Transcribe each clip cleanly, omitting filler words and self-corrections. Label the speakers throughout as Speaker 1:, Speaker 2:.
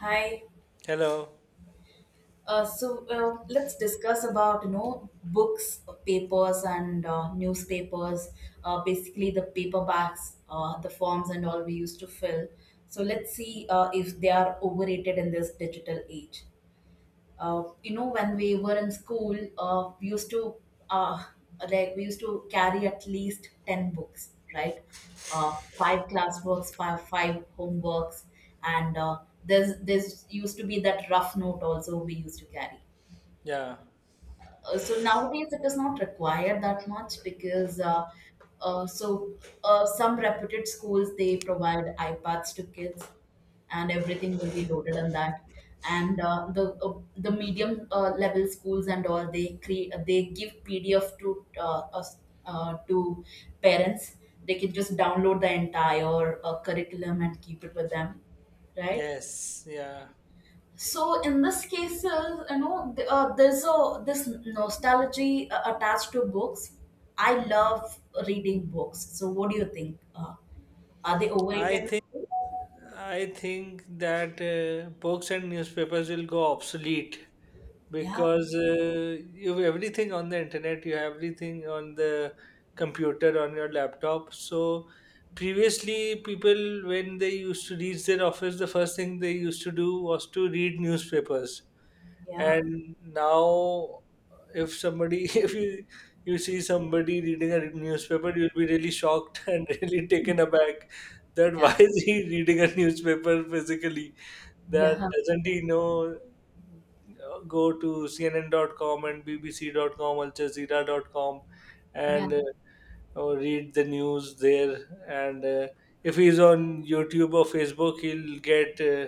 Speaker 1: Hi.
Speaker 2: Hello.
Speaker 1: So let's discuss about books, papers, and newspapers. Basically, the paperbacks, the forms, and all we used to fill. So let's see if they are overrated in this digital age. You know, when we were in school, we used to uh, like we used to carry at least 10 books, right? uh, Five classworks, five homeworks, and there's used to be that rough note also we used to carry.
Speaker 2: Yeah.
Speaker 1: So nowadays it is not required that much because uh, so some reputed schools, they provide iPads to kids, and everything will be loaded on that. And the medium level schools and all, they create, they give PDF to us, to parents. They can just download the entire curriculum and keep it with them, right?
Speaker 2: Yes. Yeah.
Speaker 1: So in this case, there's a this nostalgia attached to books. I love reading books. So what do you think? Are they
Speaker 2: I
Speaker 1: overrated?
Speaker 2: think I think that books and newspapers will go obsolete
Speaker 1: Yeah,
Speaker 2: because you have everything on the internet. You have everything on the computer on your laptop. So previously, people when they used to reach their office, the first thing they used to do was to read newspapers.
Speaker 1: yeah,
Speaker 2: And now if somebody if you see somebody reading a newspaper, you'll be really shocked and really taken aback, that
Speaker 1: yeah,
Speaker 2: why is he reading a newspaper physically, that
Speaker 1: yeah,
Speaker 2: doesn't he know go to cnn.com and bbc.com, aljazeera.com,
Speaker 1: yeah,
Speaker 2: and or read the news there? And if he's on youtube or facebook, he'll get uh,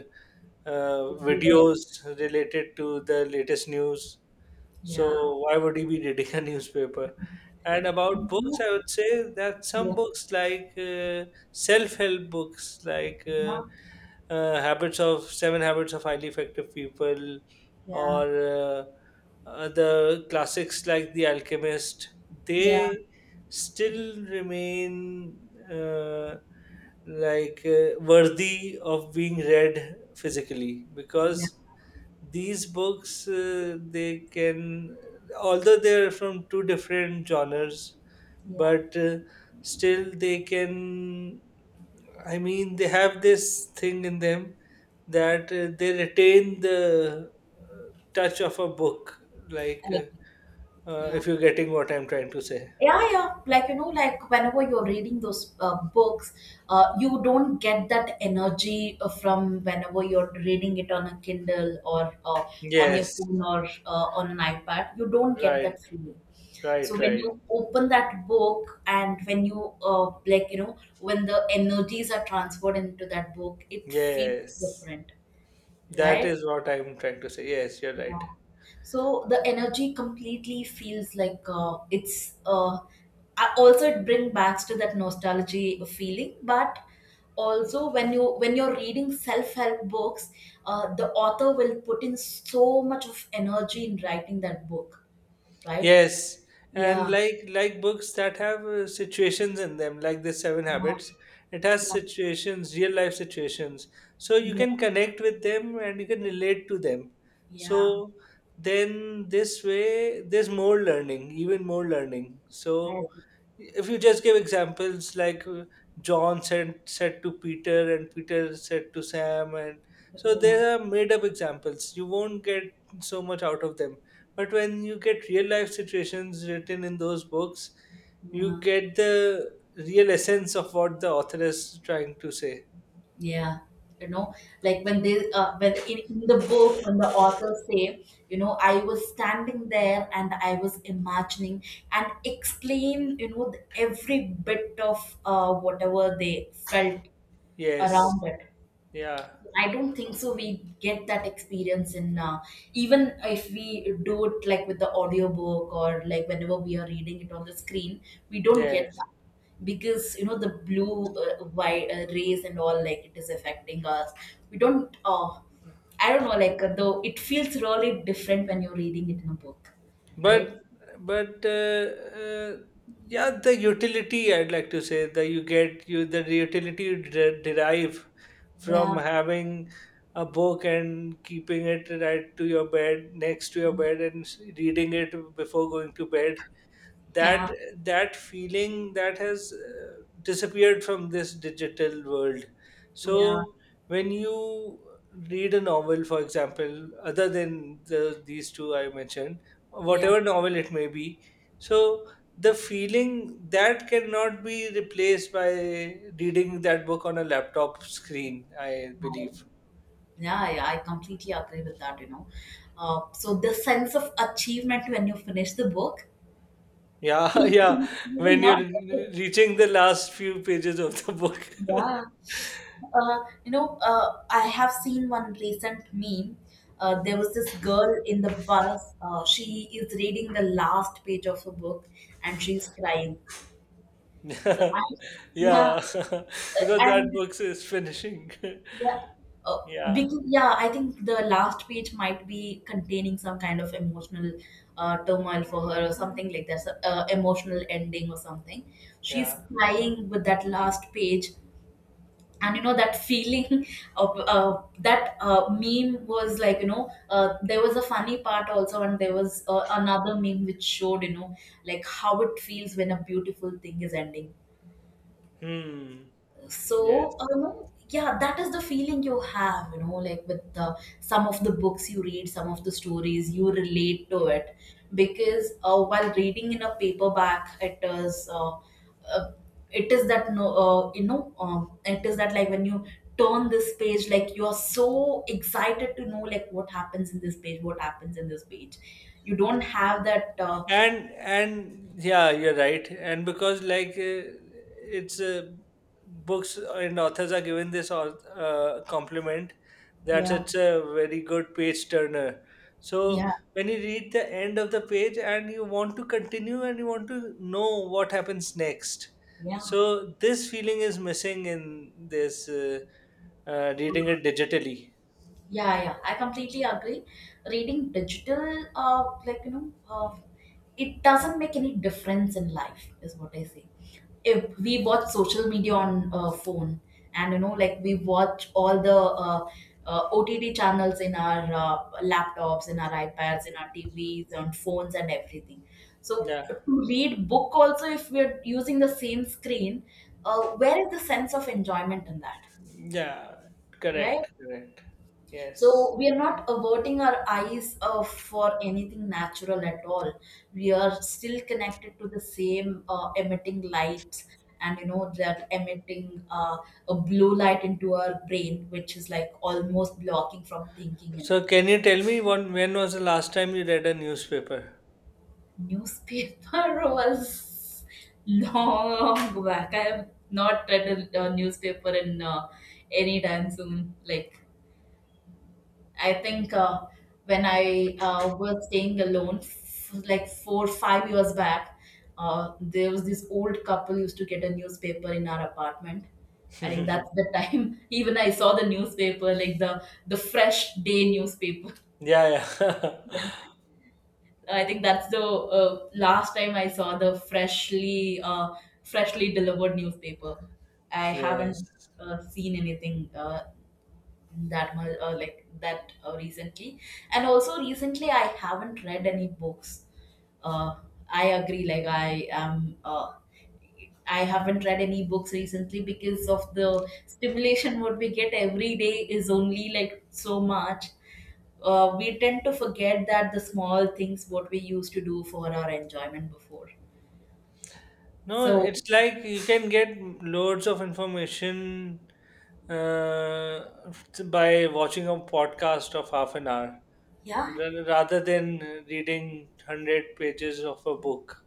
Speaker 2: uh, videos related to the latest news.
Speaker 1: yeah.
Speaker 2: So why would he be reading a newspaper? And about
Speaker 1: And you
Speaker 2: books,
Speaker 1: know,
Speaker 2: I would say that some
Speaker 1: yeah,
Speaker 2: books, like self-help books, like habits of seven habits of highly effective people,
Speaker 1: yeah,
Speaker 2: or the classics like the alchemist,
Speaker 1: yeah, yeah,
Speaker 2: they still remain uh, like worthy of being read physically,
Speaker 1: yeah,
Speaker 2: because these books they can, although they're from two different genres,
Speaker 1: yeah.
Speaker 2: but still they can, I mean, they have this thing in them, that they retain the touch of a book, like
Speaker 1: I agree. Yeah.
Speaker 2: if you're getting what I'm trying to say.
Speaker 1: Yeah, like like whenever you're reading those books, you don't get that energy from whenever you're reading it on a kindle or on your
Speaker 2: Yes,
Speaker 1: phone or on an ipad. You don't get
Speaker 2: right,
Speaker 1: that feeling. So
Speaker 2: right,
Speaker 1: when
Speaker 2: right.
Speaker 1: you open that book and when you like when the energies are transferred into that book, it feels
Speaker 2: Yes,
Speaker 1: different,
Speaker 2: that
Speaker 1: right?
Speaker 2: is what I'm trying to say. Yes, you're right.
Speaker 1: Yeah. So the energy completely feels like it's I- also it brings back to that nostalgia feeling, but also when you're reading self-help books, the author will put in so much of energy in writing that book, right?
Speaker 2: Yes,
Speaker 1: Yeah,
Speaker 2: and like books that have situations in them, like the Seven
Speaker 1: yeah,
Speaker 2: Habits, it has
Speaker 1: yeah,
Speaker 2: situations, real life situations, so you
Speaker 1: yeah,
Speaker 2: can connect with them and you can relate to them.
Speaker 1: yeah.
Speaker 2: So then this way, there's more learning, even more learning.
Speaker 1: I
Speaker 2: So
Speaker 1: agree.
Speaker 2: if you just give examples like john said to peter and peter said to sam, and so they
Speaker 1: Yeah,
Speaker 2: are made up examples, you won't get so much out of them. But when you get real life situations written in those books,
Speaker 1: yeah.
Speaker 2: you get the real essence of what the author is trying to say.
Speaker 1: Yeah, you know, like when they in the book when the authors say, I was standing there and I was imagining and explain, every bit of whatever they felt around
Speaker 2: Yes.
Speaker 1: it.
Speaker 2: Yeah.
Speaker 1: I don't think so. We get that experience in even if we do it like with the audiobook or like whenever we are reading it on the screen, we don't get
Speaker 2: Yes.
Speaker 1: that because the blue white rays and all, like, it is affecting us. We don't. I don't know. Like though it feels really different when you're reading it in a book, right?
Speaker 2: But but uh, yeah, the utility, I'd like to say that you get, you the utility you derive from
Speaker 1: Yeah.
Speaker 2: having a book and keeping it right to your bed, next to your bed, and reading it before going to bed, that
Speaker 1: Yeah.
Speaker 2: that feeling that has disappeared from this digital world.
Speaker 1: Yeah.
Speaker 2: So when you read a novel, for example, other than the these two I mentioned, whatever novel it may be, so the feeling that cannot be replaced by reading that book on a laptop screen, I
Speaker 1: Yeah.
Speaker 2: believe.
Speaker 1: Yeah, I completely agree with that, So the sense of achievement when you finish the book,
Speaker 2: Yeah. Yeah.
Speaker 1: you will
Speaker 2: When you're
Speaker 1: not get it.
Speaker 2: reaching the last few pages of the book.
Speaker 1: Yeah. Uh, I have seen one recent meme. There was this girl in the bus. She is reading the last page of a book and she's crying. So I, yeah,
Speaker 2: Yeah, because that
Speaker 1: and
Speaker 2: book is finishing.
Speaker 1: yeah. Uh,
Speaker 2: Yeah,
Speaker 1: because, yeah, I think the last page might be containing some kind of emotional turmoil for her or something like that, so, emotional ending or something. She's
Speaker 2: yeah.
Speaker 1: crying with that last page. And that feeling of that meme was like there was a funny part also, and there was another meme which showed like how it feels when a beautiful thing is ending.
Speaker 2: Hmm. Yes.
Speaker 1: So, yeah, that is the feeling you have, like with some of the books you read, some of the stories, you relate to it. Because while reading in a paperback, uh, it is that, no, it is that, like, when you turn this page, like, you are so excited to know like what happens in this page, what happens in this page. You don't have that.
Speaker 2: And yeah, you're right. And because like it's books and authors are given this compliment that
Speaker 1: Yeah,
Speaker 2: it's a very good page turner. So
Speaker 1: yeah,
Speaker 2: when you read the end of the page, and you want to continue and you want to know what happens next.
Speaker 1: yeah.
Speaker 2: So this feeling is missing in this. Reading it digitally.
Speaker 1: Yeah, yeah, I completely agree. Reading digital, it doesn't make any difference in life, is what I say. If we watch social media on phone, and like we watch all the OTT channels in our laptops, in our iPads, in our TVs, on phones, and everything. So
Speaker 2: Yeah,
Speaker 1: to read book also, if we're using the same screen, where is the sense of enjoyment in that,
Speaker 2: yeah,
Speaker 1: right?
Speaker 2: correct, correct.
Speaker 1: So
Speaker 2: Yes.
Speaker 1: we are not averting our eyes for anything natural at all. We are still connected to the same emitting lights, and that emitting a blue light into our brain, which is like almost blocking from thinking
Speaker 2: So,
Speaker 1: anything.
Speaker 2: can you tell me one, when was the last time you read a newspaper?
Speaker 1: Newspaper was long back. I have not read a newspaper in any time soon. Like, I think when I was staying alone, like 4, 5 years back, there was this old couple used to get a newspaper in our apartment. I think that's the time. Even I saw the newspaper, like the fresh day newspaper.
Speaker 2: Yeah, yeah.
Speaker 1: Yeah, I think that's the last time I saw the freshly freshly delivered newspaper. I haven't
Speaker 2: Yes.
Speaker 1: seen anything that much like that recently. And also recently I haven't read any books. uh, I agree. Like, I haven't read any books recently because of the stimulation what we get every day is only like so much. We tend to forget that the small things what we used to do for our enjoyment before.
Speaker 2: No,
Speaker 1: So
Speaker 2: it's like you can get loads of information uh, by watching a podcast of half an hour,
Speaker 1: yeah,
Speaker 2: rather than reading 100 pages of a book.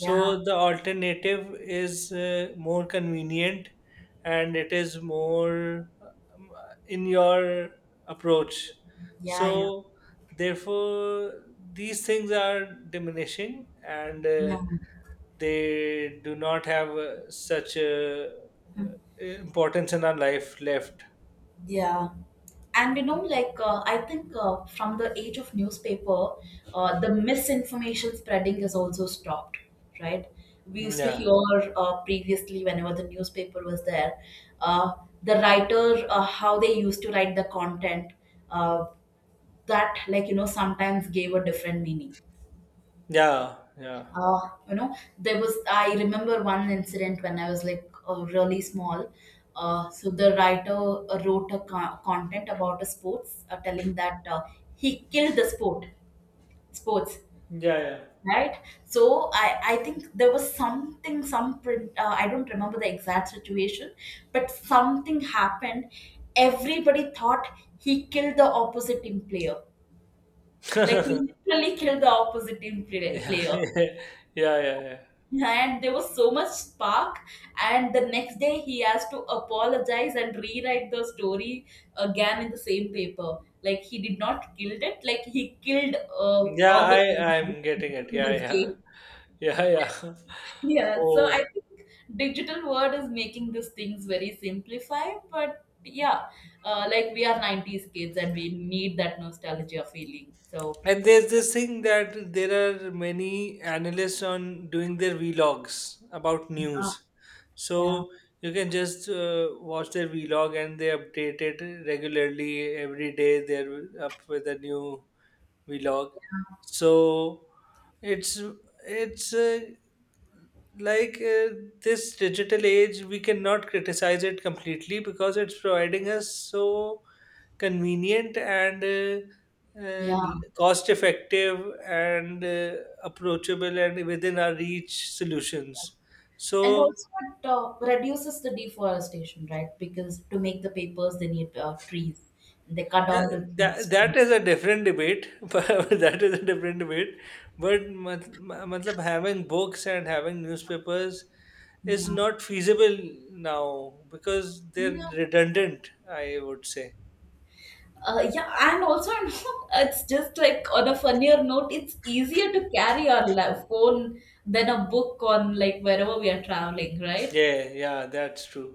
Speaker 1: yeah,
Speaker 2: the alternative is more convenient, and it is more um, in your approach.
Speaker 1: yeah, yeah,
Speaker 2: So therefore, these things are diminishing, and
Speaker 1: yeah.
Speaker 2: they do not have such importance in our life left.
Speaker 1: Yeah. And like, I think from the age of newspaper, the misinformation spreading is also stopped, right? We used to hear
Speaker 2: Yeah,
Speaker 1: previously, whenever the newspaper was there, uh, the writer, how they used to write the content, uh, that, like, sometimes gave a different meaning.
Speaker 2: yeah, yeah,
Speaker 1: uh, there was, I remember one incident when I was like really small. So the writer wrote a content about a sports telling that he killed the sports,
Speaker 2: yeah, yeah.
Speaker 1: right? So I think there was something, some print, I don't remember the exact situation, but something happened. Everybody thought he killed the opposite team player, like he literally killed the opposite team
Speaker 2: Yeah,
Speaker 1: player.
Speaker 2: yeah, yeah, yeah.
Speaker 1: And there was so much spark, and the next day he has to apologize and rewrite the story again in the same paper, like he did not killed it, like he killed
Speaker 2: Yeah,
Speaker 1: on the
Speaker 2: I'm getting it.
Speaker 1: in
Speaker 2: Yeah,
Speaker 1: this
Speaker 2: yeah,
Speaker 1: game.
Speaker 2: yeah, yeah.
Speaker 1: Yeah, so I
Speaker 2: Oh.
Speaker 1: think digital world is making these things very simplified, but yeah, like we are 90s kids and we need that nostalgia feeling. So
Speaker 2: And there's this thing that there are many analysts on doing their vlogs about
Speaker 1: yeah,
Speaker 2: news.
Speaker 1: yeah,
Speaker 2: So you can just watch their vlog and they update it regularly. Every day they're up with a new vlog. So it's it's like this digital age, we cannot criticize it completely because it's providing us so convenient and
Speaker 1: yeah.
Speaker 2: cost effective and approachable and within our reach solutions.
Speaker 1: And
Speaker 2: So
Speaker 1: also, it reduces the deforestation, right? Because to make the papers, they need trees. They cut
Speaker 2: yeah,
Speaker 1: down the
Speaker 2: that
Speaker 1: trees.
Speaker 2: that is a different debate.
Speaker 1: Yeah.
Speaker 2: But that is a different debate, but matlab, having books and having newspapers is
Speaker 1: Yeah.
Speaker 2: not feasible now because they're
Speaker 1: Yeah.
Speaker 2: redundant, I would say.
Speaker 1: Yeah, and also, it's just like on a funnier note, it's easier to carry our phone than a book on like wherever we are traveling, right?
Speaker 2: Yeah, yeah, that's true.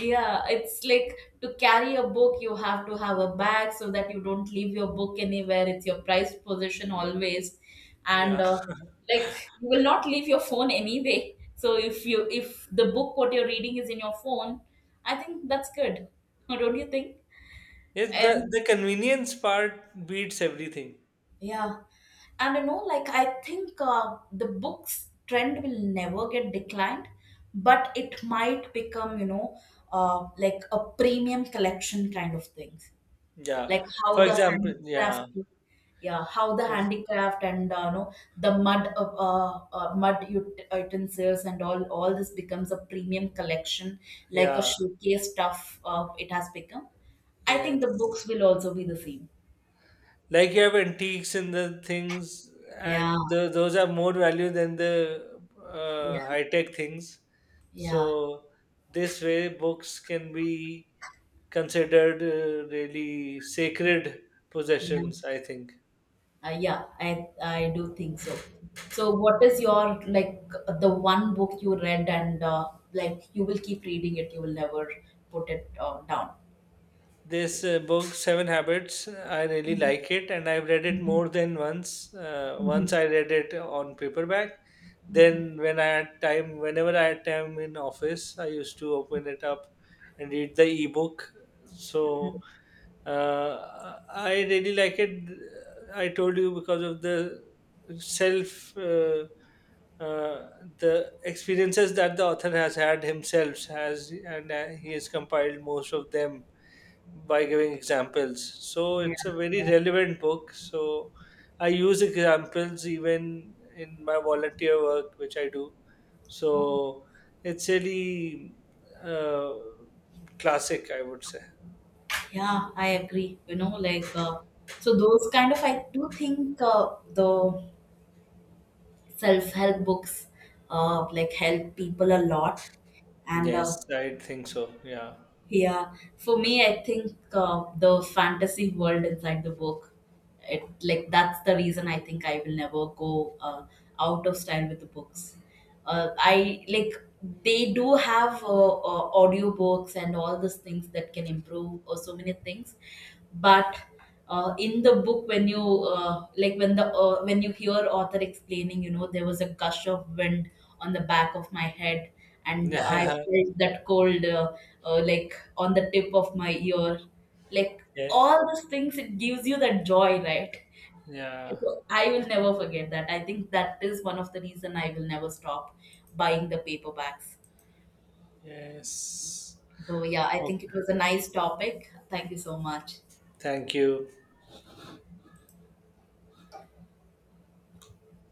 Speaker 1: Yeah, it's like to carry a book, you have to have a bag so that you don't leave your book anywhere. It's your prized possession always, and
Speaker 2: Yeah.
Speaker 1: like you will not leave your phone anyway. So if you if the book what you're reading is in your phone, I think that's good. Don't you think?
Speaker 2: Yes,
Speaker 1: Um,
Speaker 2: the convenience part beats everything.
Speaker 1: yeah, and like I think the books trend will never get declined, but it might become like a premium collection kind of things,
Speaker 2: Yeah,
Speaker 1: like how
Speaker 2: for
Speaker 1: the
Speaker 2: example, yeah,
Speaker 1: handicraft, yeah, how the handicraft and know the mud of mud utensils and all this becomes a premium collection, like a
Speaker 2: yeah.
Speaker 1: showcase stuff it has become. I think the
Speaker 2: Yes,
Speaker 1: books will also be the same.
Speaker 2: like you have antiques and the things,
Speaker 1: Yeah,
Speaker 2: and the, those are more value than the
Speaker 1: yeah,
Speaker 2: high tech things.
Speaker 1: yeah,
Speaker 2: So this way, books can be considered really sacred
Speaker 1: yeah.
Speaker 2: possessions, I think.
Speaker 1: Yeah, I do think so. So what is your, like, the one book you read and like you will keep reading it, you will never put it down?
Speaker 2: This book seven habits, I really like it, and I've read it more than once. Once I read it on paperback,
Speaker 1: Mhm.
Speaker 2: then when I had time, whenever I had time in office, I used to open it up and read the ebook. So I really like it. I told you, because of the self uh, the experiences that the author has had, himself has, and he has compiled most of them by giving examples. So
Speaker 1: Yeah,
Speaker 2: it's a very
Speaker 1: yeah.
Speaker 2: relevant book. So I use examples even in my volunteer work, which I do.
Speaker 1: Um,
Speaker 2: So it's really uh, classic, I would say.
Speaker 1: yeah, I agree. Like so those kind of, I do think the self help books like help people a lot, and
Speaker 2: Yes, I think so. Yeah.
Speaker 1: yeah, for me, I think the fantasy world inside the book, it like that's the reason I think I will never go out of style with the books. I like, they do have audiobooks and all these things that can improve or so many things, but in the book when you like when the when you hear author explaining, there was a gush of wind on the back of my head, and I
Speaker 2: Yeah.
Speaker 1: felt that cold like on the tip of my ear, like
Speaker 2: Yes.
Speaker 1: all those things, it gives you that joy, right?
Speaker 2: Yeah.
Speaker 1: So I will never forget that. I think that is one of the reason I will never stop buying the paperbacks.
Speaker 2: Yes.
Speaker 1: So yeah, I think
Speaker 2: Okay.
Speaker 1: it was a nice topic. Thank you so much.
Speaker 2: Thank you.